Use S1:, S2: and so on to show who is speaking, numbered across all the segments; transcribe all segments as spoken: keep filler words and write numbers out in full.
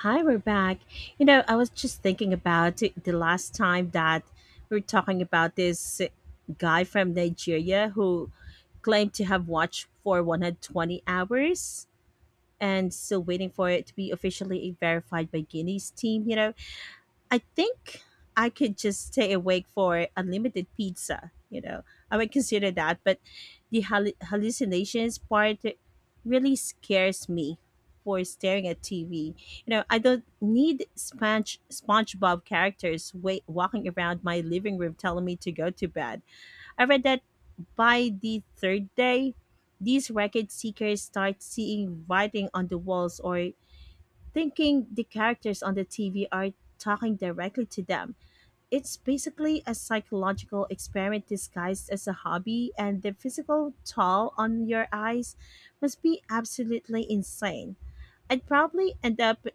S1: Hi, we're back. You know, I was just thinking about the last time that we were talking about this guy from Nigeria who claimed to have watched for one hundred twenty hours and still waiting for it to be officially verified by Guinea's team, you know. I think I could just stay awake for unlimited pizza. You know, I would consider that, but the hal- hallucinations part really scares me for staring at T V. You know, I don't need Sponge SpongeBob characters wait, walking around my living room telling me to go to bed. I read that by the third day, these record seekers start seeing writing on the walls or thinking the characters on the T V are talking directly to them. It's basically a psychological experiment disguised as a hobby, and the physical toll on your eyes must be absolutely insane. I'd probably end up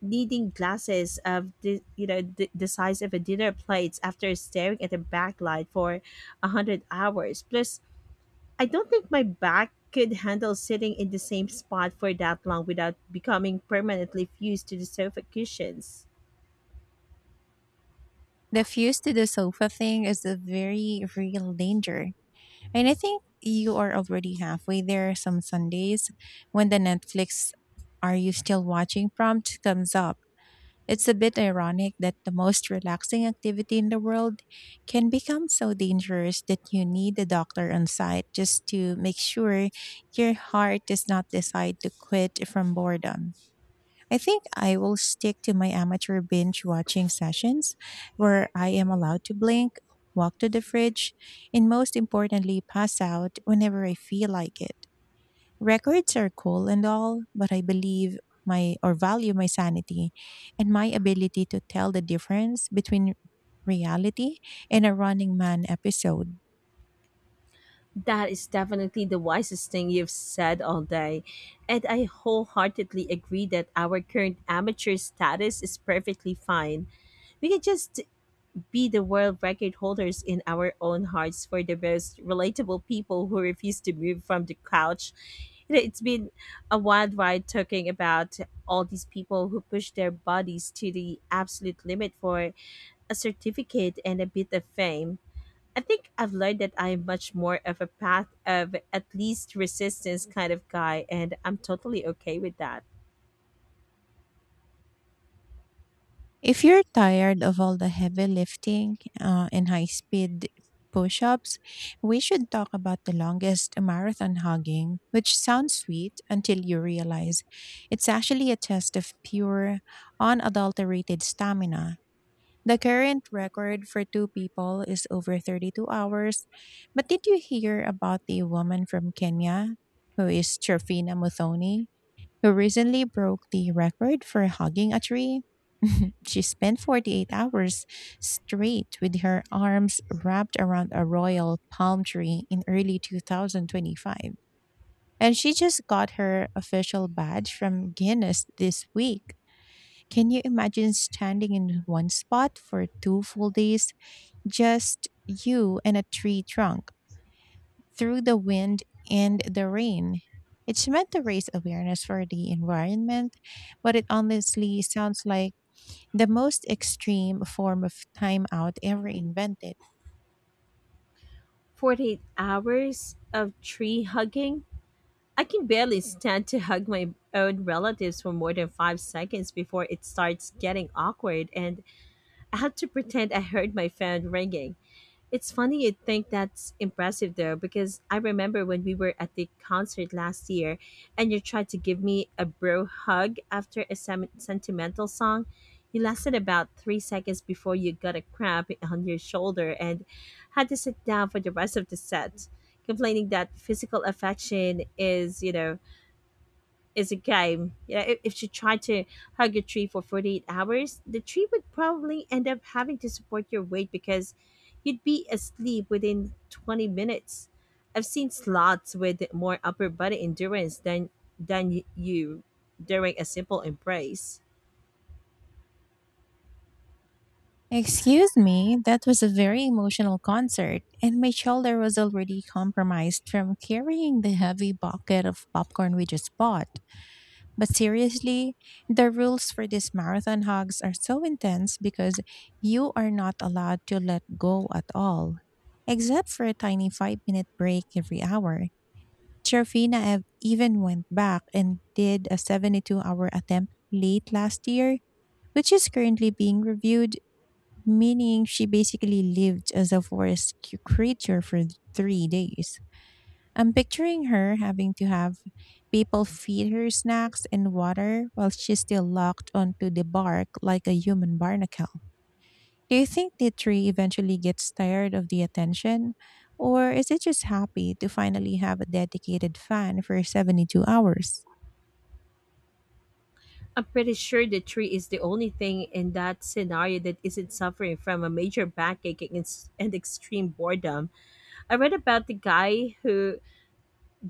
S1: needing glasses of the you know the, the size of a dinner plate after staring at a backlight for a hundred hours. Plus, I don't think my back could handle sitting in the same spot for that long without becoming permanently fused to the sofa cushions.
S2: The fuse to the sofa thing is a very real danger. And I think you are already halfway there some Sundays when the Netflix Are You Still Watching prompt comes up. It's a bit ironic that the most relaxing activity in the world can become so dangerous that you need a doctor on site just to make sure your heart does not decide to quit from boredom. I think I will stick to my amateur binge watching sessions where I am allowed to blink, walk to the fridge, and most importantly, pass out whenever I feel like it. Records are cool and all, but I believe my or value my sanity and my ability to tell the difference between reality and a running man episode.
S1: That is definitely the wisest thing you've said all day. And I wholeheartedly agree that our current amateur status is perfectly fine. We can just be the world record holders in our own hearts for the most relatable people who refuse to move from the couch. You know, it's been a wild ride talking about all these people who push their bodies to the absolute limit for a certificate and a bit of fame. I think I've learned that I'm much more of a path of at least resistance kind of guy, and I'm totally okay with that.
S2: If you're tired of all the heavy lifting uh, and high speed push ups, we should talk about the longest marathon hugging, which sounds sweet until you realize it's actually a test of pure, unadulterated stamina. The current record for two people is over thirty-two hours. But did you hear about the woman from Kenya, who is Trofina Muthoni, who recently broke the record for hugging a tree? She spent forty-eight hours straight with her arms wrapped around a royal palm tree in early twenty twenty-five. And she just got her official badge from Guinness this week. Can you imagine standing in one spot for two full days? Just you and a tree trunk, through the wind and the rain. It's meant to raise awareness for the environment, but it honestly sounds like the most extreme form of timeout ever invented.
S1: forty-eight hours of tree hugging? I can barely stand to hug my own relatives for more than five seconds before it starts getting awkward, and I have to pretend I heard my phone ringing. It's funny you'd think that's impressive though, because I remember when we were at the concert last year and you tried to give me a bro hug after a sem- sentimental song. You lasted about three seconds before you got a cramp on your shoulder and had to sit down for the rest of the set, complaining that physical affection is, you know, is a game. You know, if, if she tried to hug a tree for forty-eight hours, the tree would probably end up having to support your weight because you'd be asleep within twenty minutes. I've seen sloths with more upper body endurance than than y- you during a simple embrace.
S2: Excuse me, that was a very emotional concert, and my shoulder was already compromised from carrying the heavy bucket of popcorn we just bought. But seriously, the rules for these marathon hugs are so intense because you are not allowed to let go at all, except for a tiny five minute break every hour. Trofina ev- even went back and did a seventy-two hour attempt late last year, which is currently being reviewed, meaning she basically lived as a forest c- creature for three days. I'm picturing her having to have people feed her snacks and water while she's still locked onto the bark like a human barnacle. Do you think the tree eventually gets tired of the attention? Or is it just happy to finally have a dedicated fan for seventy-two hours?
S1: I'm pretty sure the tree is the only thing in that scenario that isn't suffering from a major backache and ex- and extreme boredom. I read about the guy who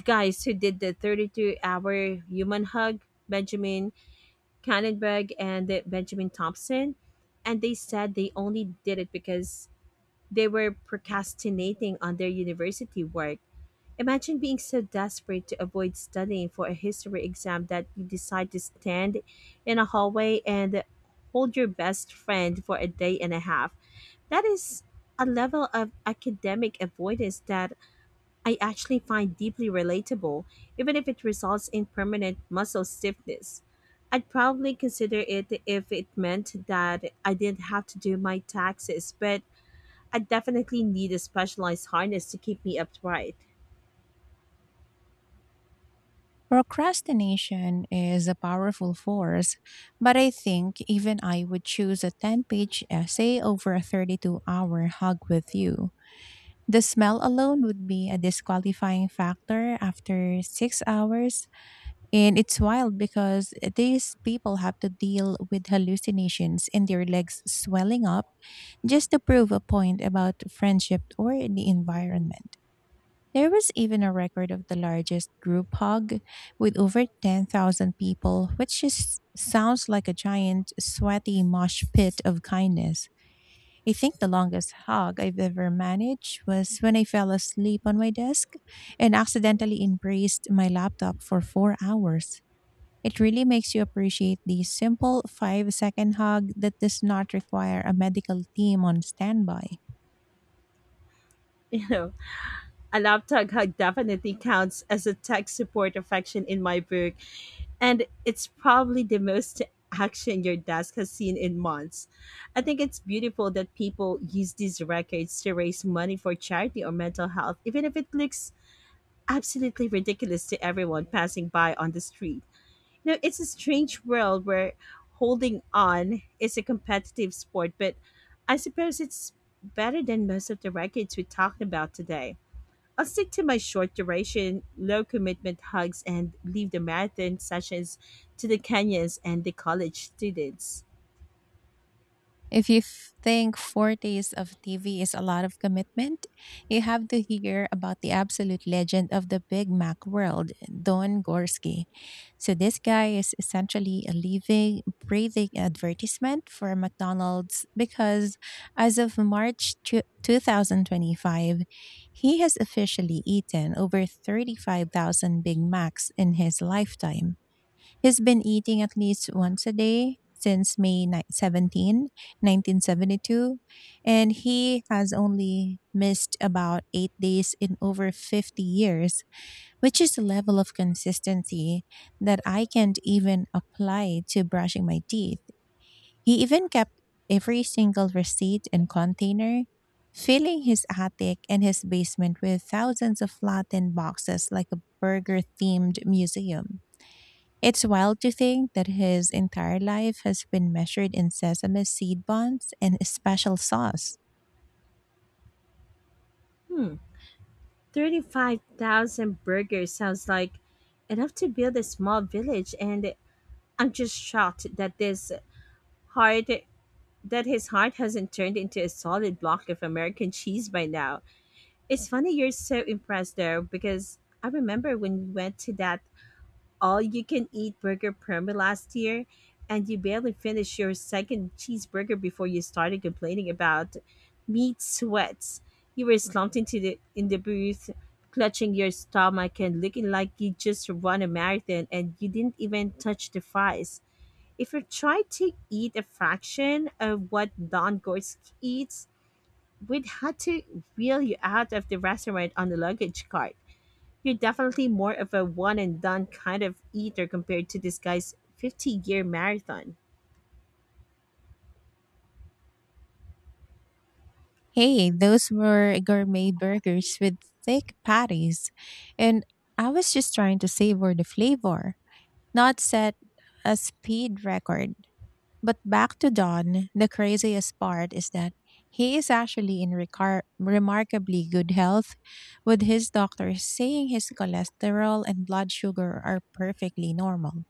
S1: guys who did the thirty-two-hour human hug, Benjamin Cannonberg and uh, Benjamin Thompson, and they said they only did it because they were procrastinating on their university work. Imagine being so desperate to avoid studying for a history exam that you decide to stand in a hallway and hold your best friend for a day and a half. That is a level of academic avoidance that I actually find deeply relatable, even if it results in permanent muscle stiffness. I'd probably consider it if it meant that I didn't have to do my taxes, but I definitely need a specialized harness to keep me upright.
S2: Procrastination is a powerful force, but I think even I would choose a ten page essay over a thirty-two hour hug with you. The smell alone would be a disqualifying factor after six hours. And it's wild because these people have to deal with hallucinations and their legs swelling up just to prove a point about friendship or the environment. There was even a record of the largest group hug with over ten thousand people, which just sounds like a giant, sweaty mosh pit of kindness. I think the longest hug I've ever managed was when I fell asleep on my desk and accidentally embraced my laptop for four hours. It really makes you appreciate the simple five second hug that does not require a medical team on standby.
S1: You know, a laptop hug definitely counts as a tech support affection in my book, and it's probably the most action your desk has seen in months. I think it's beautiful that people use these records to raise money for charity or mental health, even if it looks absolutely ridiculous to everyone passing by on the street. You know, it's a strange world where holding on is a competitive sport, but I suppose it's better than most of the records we talked about today. I'll stick to my short duration, low commitment hugs and leave the marathon sessions to the Kenyans and the college students.
S2: If you f- think four days of T V is a lot of commitment, you have to hear about the absolute legend of the Big Mac world, Don Gorski. So, this guy is essentially a living, breathing advertisement for McDonald's because, as of March two- two thousand twenty-five, he has officially eaten over thirty-five thousand Big Macs in his lifetime. He's been eating at least once a day since May ni- seventeen, nineteen seventy-two, and he has only missed about eight days in over fifty years, which is a level of consistency that I can't even apply to brushing my teeth. He even kept every single receipt and container, filling his attic and his basement with thousands of flattened boxes like a burger themed museum. It's wild to think that his entire life has been measured in sesame seed buns and a special sauce.
S1: Hmm, thirty-five thousand burgers sounds like enough to build a small village, and I'm just shocked that this heart that his heart hasn't turned into a solid block of American cheese by now. It's funny you're so impressed though, because I remember when we went to that all you can eat burger promo last year, and you barely finished your second cheeseburger before you started complaining about meat sweats. You were slumped into the in the booth, clutching your stomach and looking like you just run a marathon and you didn't even touch the fries. If you tried to eat a fraction of what Don Gorsk eats, we'd have to wheel you out of the restaurant on the luggage cart. You're definitely more of a one and done kind of eater compared to this guy's fifty year marathon.
S2: Hey, those were gourmet burgers with thick patties, and I was just trying to savor the flavor, not set a speed record. But back to Don, the craziest part is that he is actually in recar- remarkably good health, with his doctor saying his cholesterol and blood sugar are perfectly normal.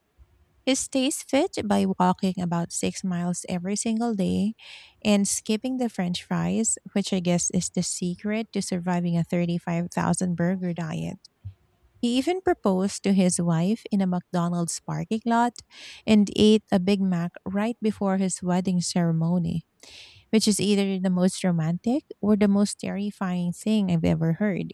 S2: He stays fit by walking about six miles every single day and skipping the french fries, which I guess is the secret to surviving a thirty-five thousand burger diet. He even proposed to his wife in a McDonald's parking lot and ate a Big Mac right before his wedding ceremony, which is either the most romantic or the most terrifying thing I've ever heard.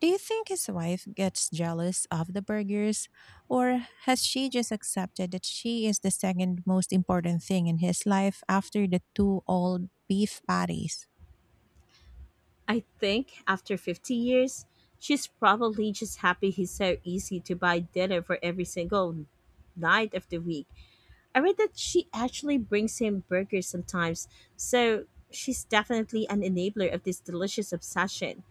S2: Do you think his wife gets jealous of the burgers, or has she just accepted that she is the second most important thing in his life after the two old beef patties?
S1: I think after fifty years, she's probably just happy he's so easy to buy dinner for every single night of the week. I read that she actually brings him burgers sometimes, so she's definitely an enabler of this delicious obsession.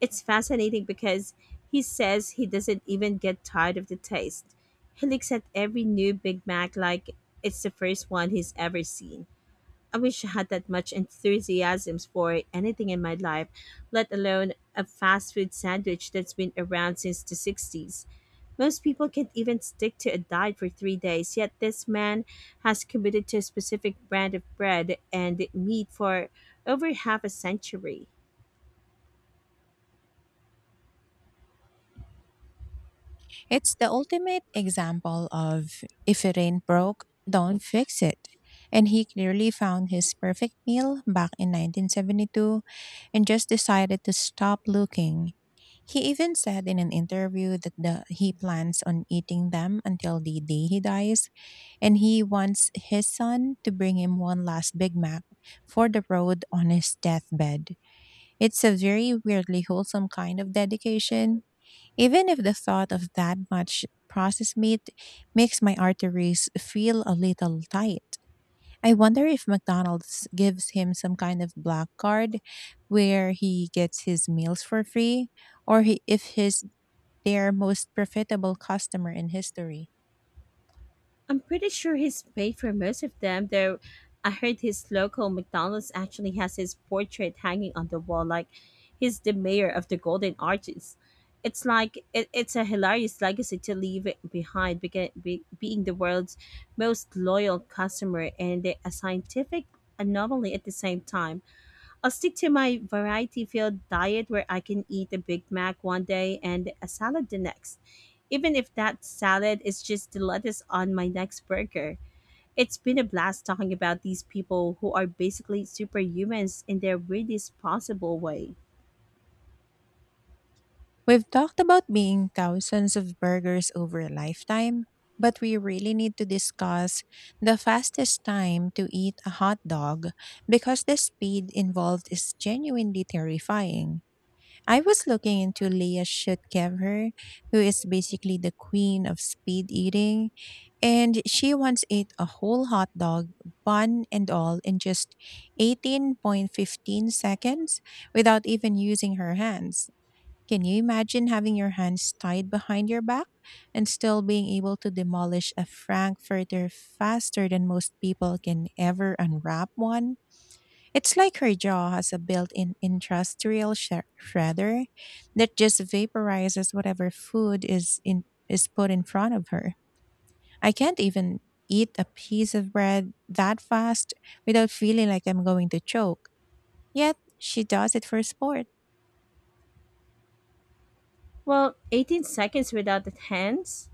S1: It's fascinating because he says he doesn't even get tired of the taste. He looks at every new Big Mac like it's the first one he's ever seen. I wish I had that much enthusiasm for anything in my life, let alone a fast food sandwich that's been around since the sixties. Most people can't even stick to a diet for three days, yet this man has committed to a specific brand of bread and meat for over half a century.
S2: It's the ultimate example of if it ain't broke, don't fix it. And he clearly found his perfect meal back in nineteen seventy-two and just decided to stop looking. He even said in an interview that the, he plans on eating them until the day he dies, and he wants his son to bring him one last Big Mac for the road on his deathbed. It's a very weirdly wholesome kind of dedication, even if the thought of that much processed meat makes my arteries feel a little tight. I wonder if McDonald's gives him some kind of black card where he gets his meals for free, or he, if he's their most profitable customer in history.
S1: I'm pretty sure he's paid for most of them, though I heard his local McDonald's actually has his portrait hanging on the wall, like he's the mayor of the Golden Arches. It's like it, it's a hilarious legacy to leave it behind, beca- be, being the world's most loyal customer and a scientific anomaly at the same time. I'll stick to my variety filled diet where I can eat a Big Mac one day and a salad the next. Even if that salad is just the lettuce on my next burger. It's been a blast talking about these people who are basically superhumans in their weirdest possible way.
S2: We've talked about being thousands of burgers over a lifetime, but we really need to discuss the fastest time to eat a hot dog because the speed involved is genuinely terrifying. I was looking into Leah Shutkevher, who is basically the queen of speed eating, and she once ate a whole hot dog, bun and all, in just eighteen point one five seconds without even using her hands. Can you imagine having your hands tied behind your back and still being able to demolish a Frankfurter faster than most people can ever unwrap one? It's like her jaw has a built in industrial sh- shredder that just vaporizes whatever food is, in, is put in front of her. I can't even eat a piece of bread that fast without feeling like I'm going to choke. Yet, she does it for sport.
S1: Well, eighteen seconds without the hands?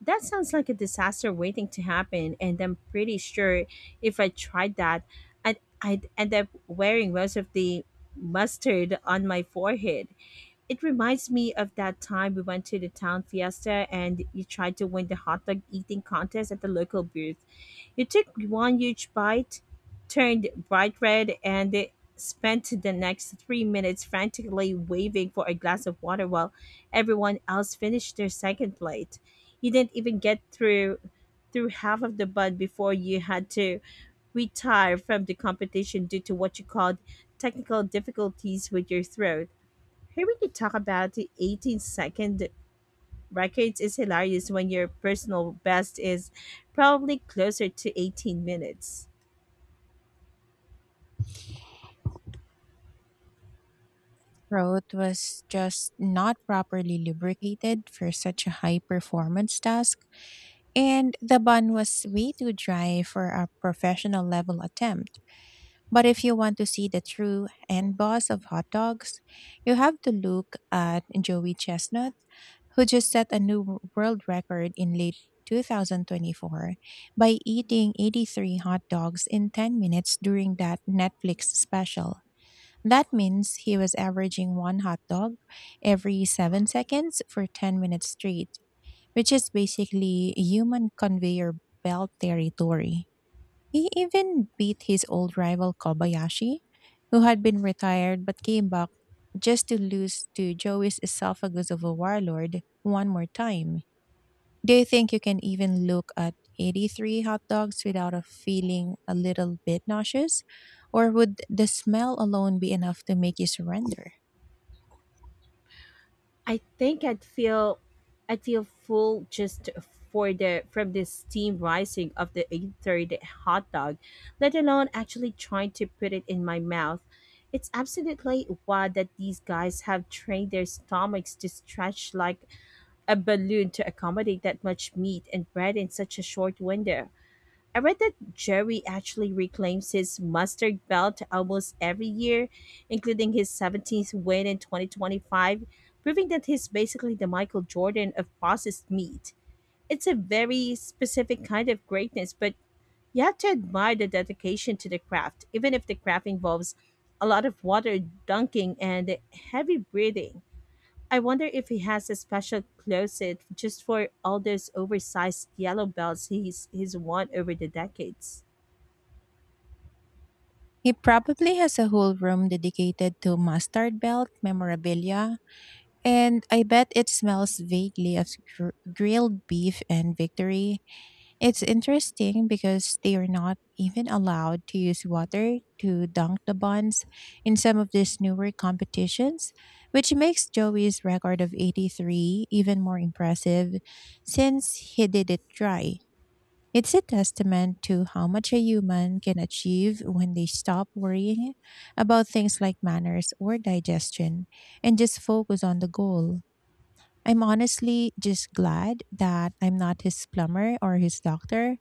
S1: That sounds like a disaster waiting to happen, and I'm pretty sure if I tried that, I'd, I'd end up wearing most of the mustard on my forehead. It reminds me of that time we went to the town fiesta and you tried to win the hot dog eating contest at the local booth. You took one huge bite, turned bright red, and spent the next three minutes frantically waving for a glass of water while everyone else finished their second plate. You didn't even get through through half of the bun before you had to retire from the competition due to what you called technical difficulties with your throat. Here we could talk about the eighteen second records is hilarious when your personal best is probably closer to eighteen minutes.
S2: Throat was just not properly lubricated for such a high performance task, and the bun was way too dry for a professional level attempt. But if you want to see the true end boss of hot dogs, you have to look at Joey Chestnut, who just set a new w- world record in late twenty twenty-four by eating eighty-three hot dogs in ten minutes during that Netflix special. That means he was averaging one hot dog every seven seconds for ten minutes straight, which is basically human conveyor belt territory. He even beat his old rival Kobayashi, who had been retired but came back just to lose to Joey's esophagus of a warlord one more time. Do you think you can even look at eighty-three hot dogs without a feeling a little bit nauseous? Or would the smell alone be enough to make you surrender?
S1: I think I'd feel I'd feel full just for the from the steam rising of the eight thirty hot dog, let alone actually trying to put it in my mouth. It's absolutely wild that these guys have trained their stomachs to stretch like a balloon to accommodate that much meat and bread in such a short window. I read that Jerry actually reclaims his mustard belt almost every year, including his seventeenth win in twenty twenty-five, proving that he's basically the Michael Jordan of processed meat. It's a very specific kind of greatness, but you have to admire the dedication to the craft, even if the craft involves a lot of water dunking and heavy breathing. I wonder if he has a special closet just for all those oversized yellow belts he's he's won over the decades.
S2: He probably has a whole room dedicated to mustard belt memorabilia, and I bet it smells vaguely of gr- grilled beef and victory. It's interesting because they are not even allowed to use water to dunk the buns in some of these newer competitions, which makes Joey's record of eighty-three even more impressive since he did it dry. It's a testament to how much a human can achieve when they stop worrying about things like manners or digestion and just focus on the goal. I'm honestly just glad that I'm not his plumber or his doctor,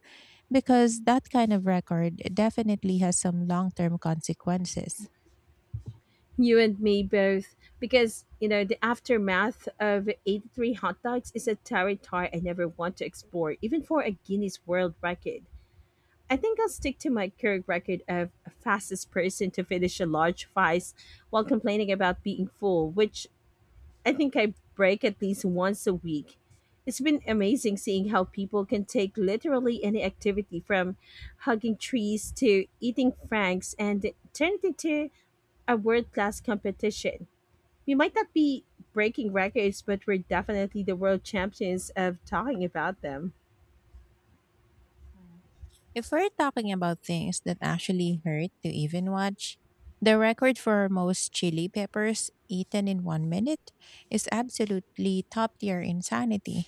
S2: because that kind of record definitely has some long term consequences.
S1: You and me both. Because, you know, the aftermath of eighty-three hot dogs is a territory I never want to explore, even for a Guinness World Record. I think I'll stick to my current record of fastest person to finish a large fries while complaining about being full, which I think I break at least once a week. It's been amazing seeing how people can take literally any activity from hugging trees to eating franks and turn it into a world class competition. We might not be breaking records, but we're definitely the world champions of talking about them.
S2: Mm. If we're talking about things that actually hurt to even watch, the record for most chili peppers eaten in one minute is absolutely top tier insanity.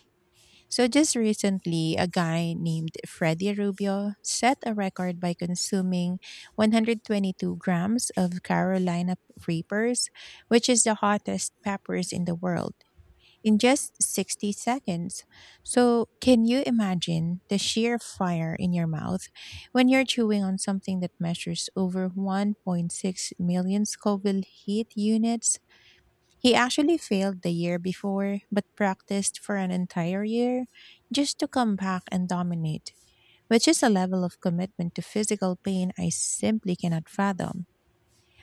S2: So, just recently, a guy named Freddie Rubio set a record by consuming one hundred twenty-two grams of Carolina Reapers, which is the hottest peppers in the world, in just sixty seconds. So, can you imagine the sheer fire in your mouth when you're chewing on something that measures over one point six million Scoville heat units? He actually failed the year before, but practiced for an entire year just to come back and dominate, which is a level of commitment to physical pain I simply cannot fathom.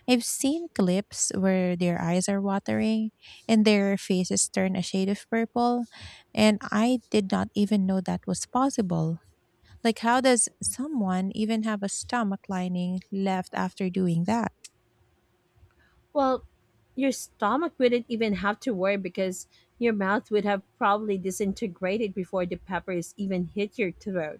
S2: I've seen clips where their eyes are watering and their faces turn a shade of purple, and I did not even know that was possible. Like, how does someone even have a stomach lining left after doing that?
S1: Well, your stomach wouldn't even have to worry because your mouth would have probably disintegrated before the peppers even hit your throat.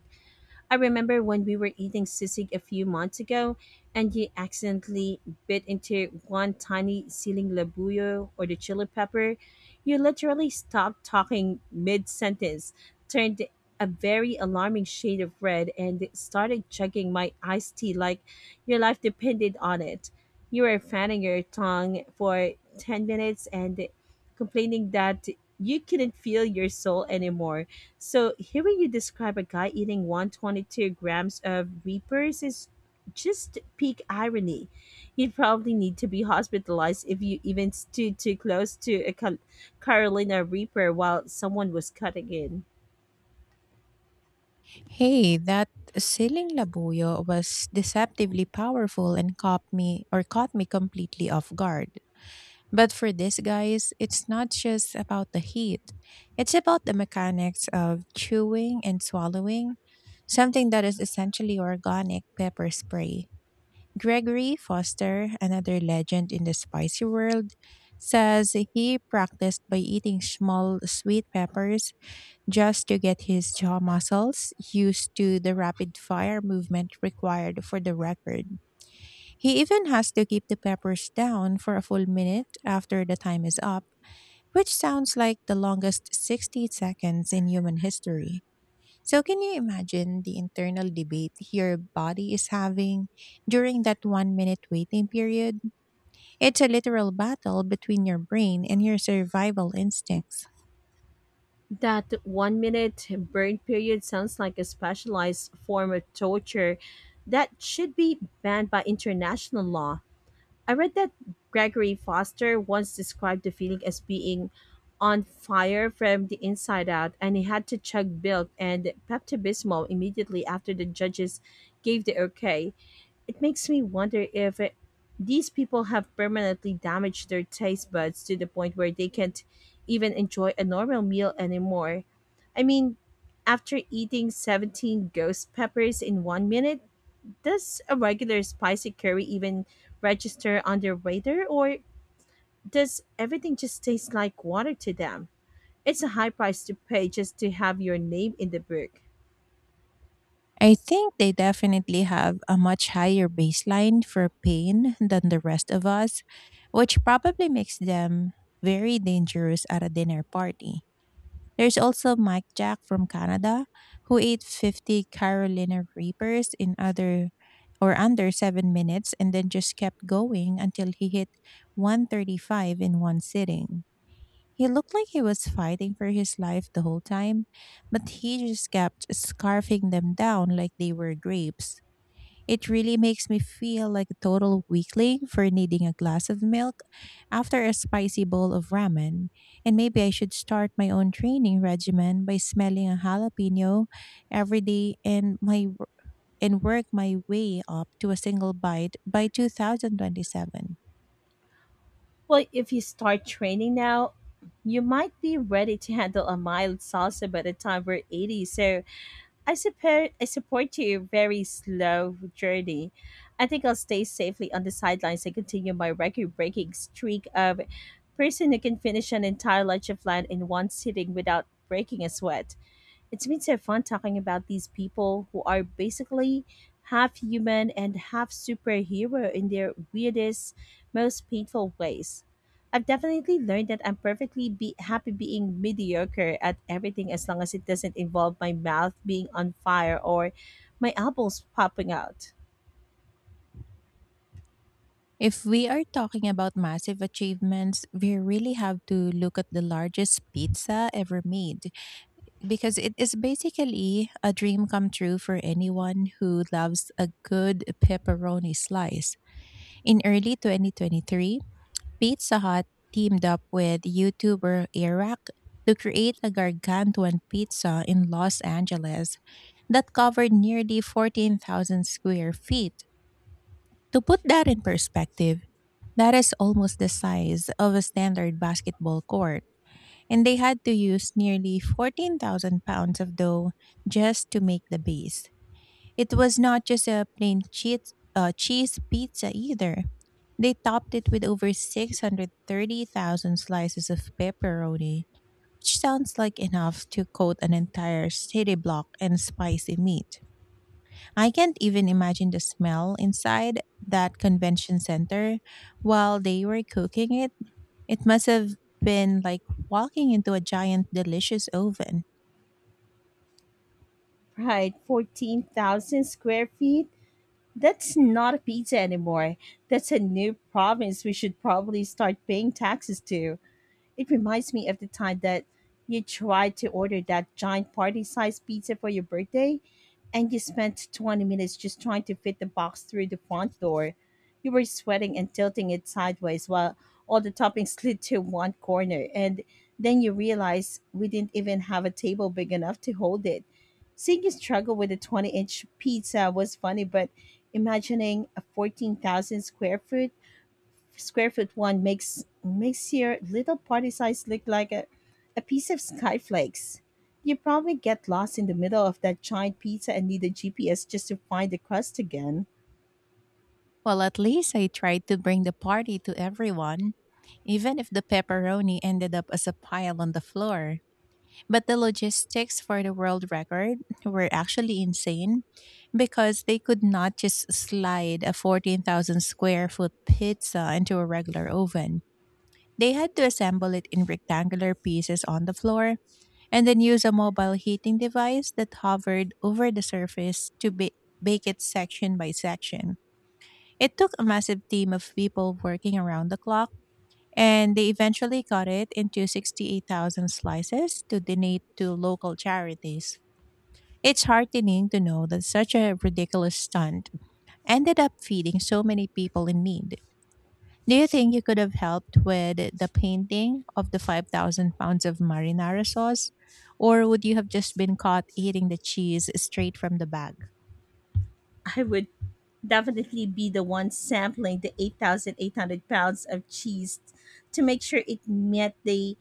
S1: I remember when we were eating sisig a few months ago and you accidentally bit into one tiny siling labuyo or the chili pepper. You literally stopped talking mid sentence, turned a very alarming shade of red, and started chugging my iced tea like your life depended on it. You were fanning your tongue for ten minutes and complaining that you couldn't feel your soul anymore, so hearing you describe a guy eating one hundred twenty-two grams of reapers is just peak irony. You'd probably need to be hospitalized if you even stood too close to a Cal- Carolina reaper while someone was cutting in.
S2: Hey, that siling labuyo was deceptively powerful and caught me or caught me completely off guard. But for these guys, it's not just about the heat. It's about the mechanics of chewing and swallowing, something that is essentially organic pepper spray. Gregory Foster, another legend in the spicy world, says he practiced by eating small sweet peppers just to get his jaw muscles used to the rapid fire movement required for the record. He even has to keep the peppers down for a full minute after the time is up, which sounds like the longest sixty seconds in human history. So, can you imagine the internal debate your body is having during that one minute waiting period? It's a literal battle between your brain and your survival instincts.
S1: That one minute burn period sounds like a specialized form of torture that should be banned by international law. I read that Gregory Foster once described the feeling as being on fire from the inside out, and he had to chug milk and Pepto-Bismol immediately after the judges gave the okay. It makes me wonder if it, these people have permanently damaged their taste buds to the point where they can't even enjoy a normal meal anymore. I mean, after eating seventeen ghost peppers in one minute, does a regular spicy curry even register on their radar, or does everything just taste like water to them? It's a high price to pay just to have your name in the book.
S2: I think they definitely have a much higher baseline for pain than the rest of us, which probably makes them very dangerous at a dinner party. There's also Mike Jack from Canada, who ate fifty Carolina Reapers in other or under seven minutes and then just kept going until he hit one thirty-five in one sitting. He looked like he was fighting for his life the whole time, but he just kept scarfing them down like they were grapes. It really makes me feel like a total weakling for needing a glass of milk after a spicy bowl of ramen. And maybe I should start my own training regimen by smelling a jalapeno every day, and my and work my way up to a single bite by two thousand twenty-seven.
S1: Well, if you start training now, you might be ready to handle a mild salsa by the time we're eighty, so I support I support your very slow journey. I think I'll stay safely on the sidelines and continue my record-breaking streak of person who can finish an entire lunch of land in one sitting without breaking a sweat. It's been so fun talking about these people who are basically half human and half superhero in their weirdest, most painful ways. I've definitely learned that I'm perfectly be- happy being mediocre at everything as long as it doesn't involve my mouth being on fire or my elbows popping out.
S2: If we are talking about massive achievements, we really have to look at the largest pizza ever made, because it is basically a dream come true for anyone who loves a good pepperoni slice. In early twenty twenty-three, Pizza Hut teamed up with YouTuber Iraq to create a gargantuan pizza in Los Angeles that covered nearly fourteen thousand square feet. To put that in perspective, that is almost the size of a standard basketball court, and they had to use nearly fourteen thousand pounds of dough just to make the base. It was not just a plain cheese, uh, cheese pizza either. They topped it with over six hundred thirty thousand slices of pepperoni, which sounds like enough to coat an entire city block in spicy meat. I can't even imagine the smell inside that convention center while they were cooking it it must have been like walking into a giant, delicious oven.
S1: Right, fourteen thousand square feet? That's not a pizza anymore. That's a new province we should probably start paying taxes to. It reminds me of the time that you tried to order that giant party sized pizza for your birthday, and you spent twenty minutes just trying to fit the box through the front door. You were sweating and tilting it sideways while all the toppings slid to one corner, and then you realized we didn't even have a table big enough to hold it. Seeing you struggle with a twenty inch pizza was funny, but imagining a fourteen thousand square foot square foot one makes makes your little party size look like a, a piece of skyflakes. You probably get lost in the middle of that giant pizza and need a G P S just to find the crust again.
S2: Well, at least I tried to bring the party to everyone, even if the pepperoni ended up as a pile on the floor. But the logistics for the world record were actually insane, because they could not just slide a fourteen thousand square foot pizza into a regular oven. They had to assemble it in rectangular pieces on the floor and then use a mobile heating device that hovered over the surface to ba- bake it section by section. It took a massive team of people working around the clock, and they eventually cut it into sixty-eight thousand slices to donate to local charities. It's heartening to know that such a ridiculous stunt ended up feeding so many people in need. Do you think you could have helped with the painting of the five thousand pounds of marinara sauce? Or would you have just been caught eating the cheese straight from the bag?
S1: I would definitely be the one sampling the eight thousand eight hundred pounds of cheese to make sure it met the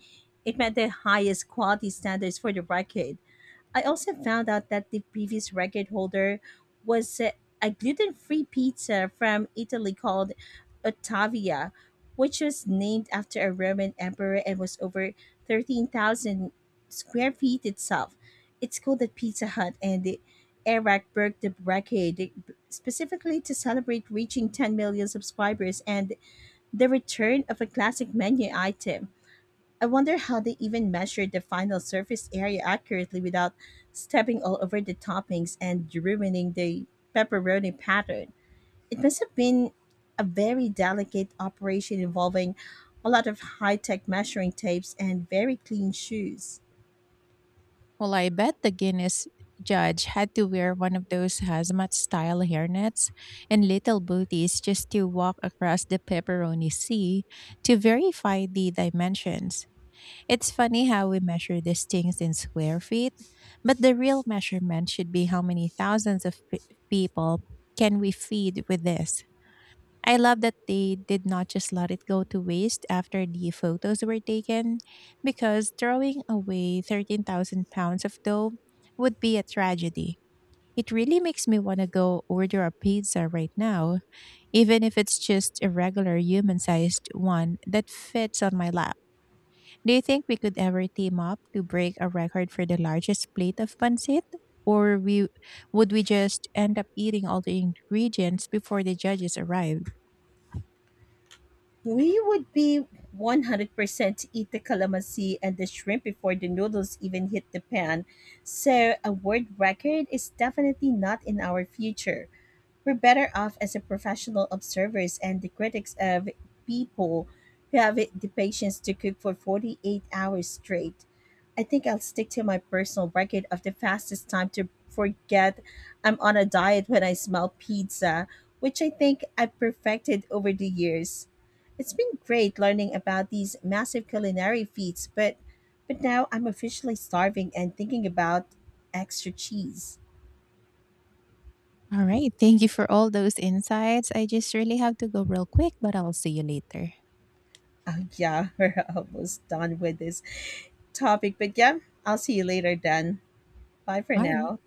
S1: it met the highest quality standards for the record. I also found out that the previous record holder was uh, a gluten free pizza from Italy called Ottavia, which was named after a Roman emperor and was over thirteen thousand square feet itself. It's called the Pizza Hut, and the Iraq broke the record specifically to celebrate reaching ten million subscribers and the return of a classic menu item. I wonder how they even measured the final surface area accurately without stepping all over the toppings and ruining the pepperoni pattern. It must have been a very delicate operation involving a lot of high tech measuring tapes and very clean shoes.
S2: Well, I bet the Guinness judge had to wear one of those hazmat style hairnets and little booties just to walk across the pepperoni sea to verify the dimensions. It's funny how we measure these things in square feet, but the real measurement should be how many thousands of pe people can we feed with this. I love that they did not just let it go to waste after the photos were taken, because throwing away thirteen thousand pounds of dough would be a tragedy. It really makes me want to go order a pizza right now, even if it's just a regular human sized one that fits on my lap. Do you think we could ever team up to break a record for the largest plate of pancit? Or we would we just end up eating all the ingredients before the judges arrive?
S1: We would be one hundred percent eat the calamansi and the shrimp before the noodles even hit the pan, so a world record is definitely not in our future. We're better off as the professional observers and the critics of people who have it- the patience to cook for forty-eight hours straight. I think I'll stick to my personal record of the fastest time to forget I'm on a diet when I smell pizza, which I think I've perfected over the years. It's been great learning about these massive culinary feats, but but now I'm officially starving and thinking about extra cheese.
S2: All right. Thank you for all those insights. I just really have to go real quick, but I'll see you later.
S1: Oh yeah, we're almost done with this topic. But yeah, I'll see you later, Dan. Bye for
S2: All right.
S1: now.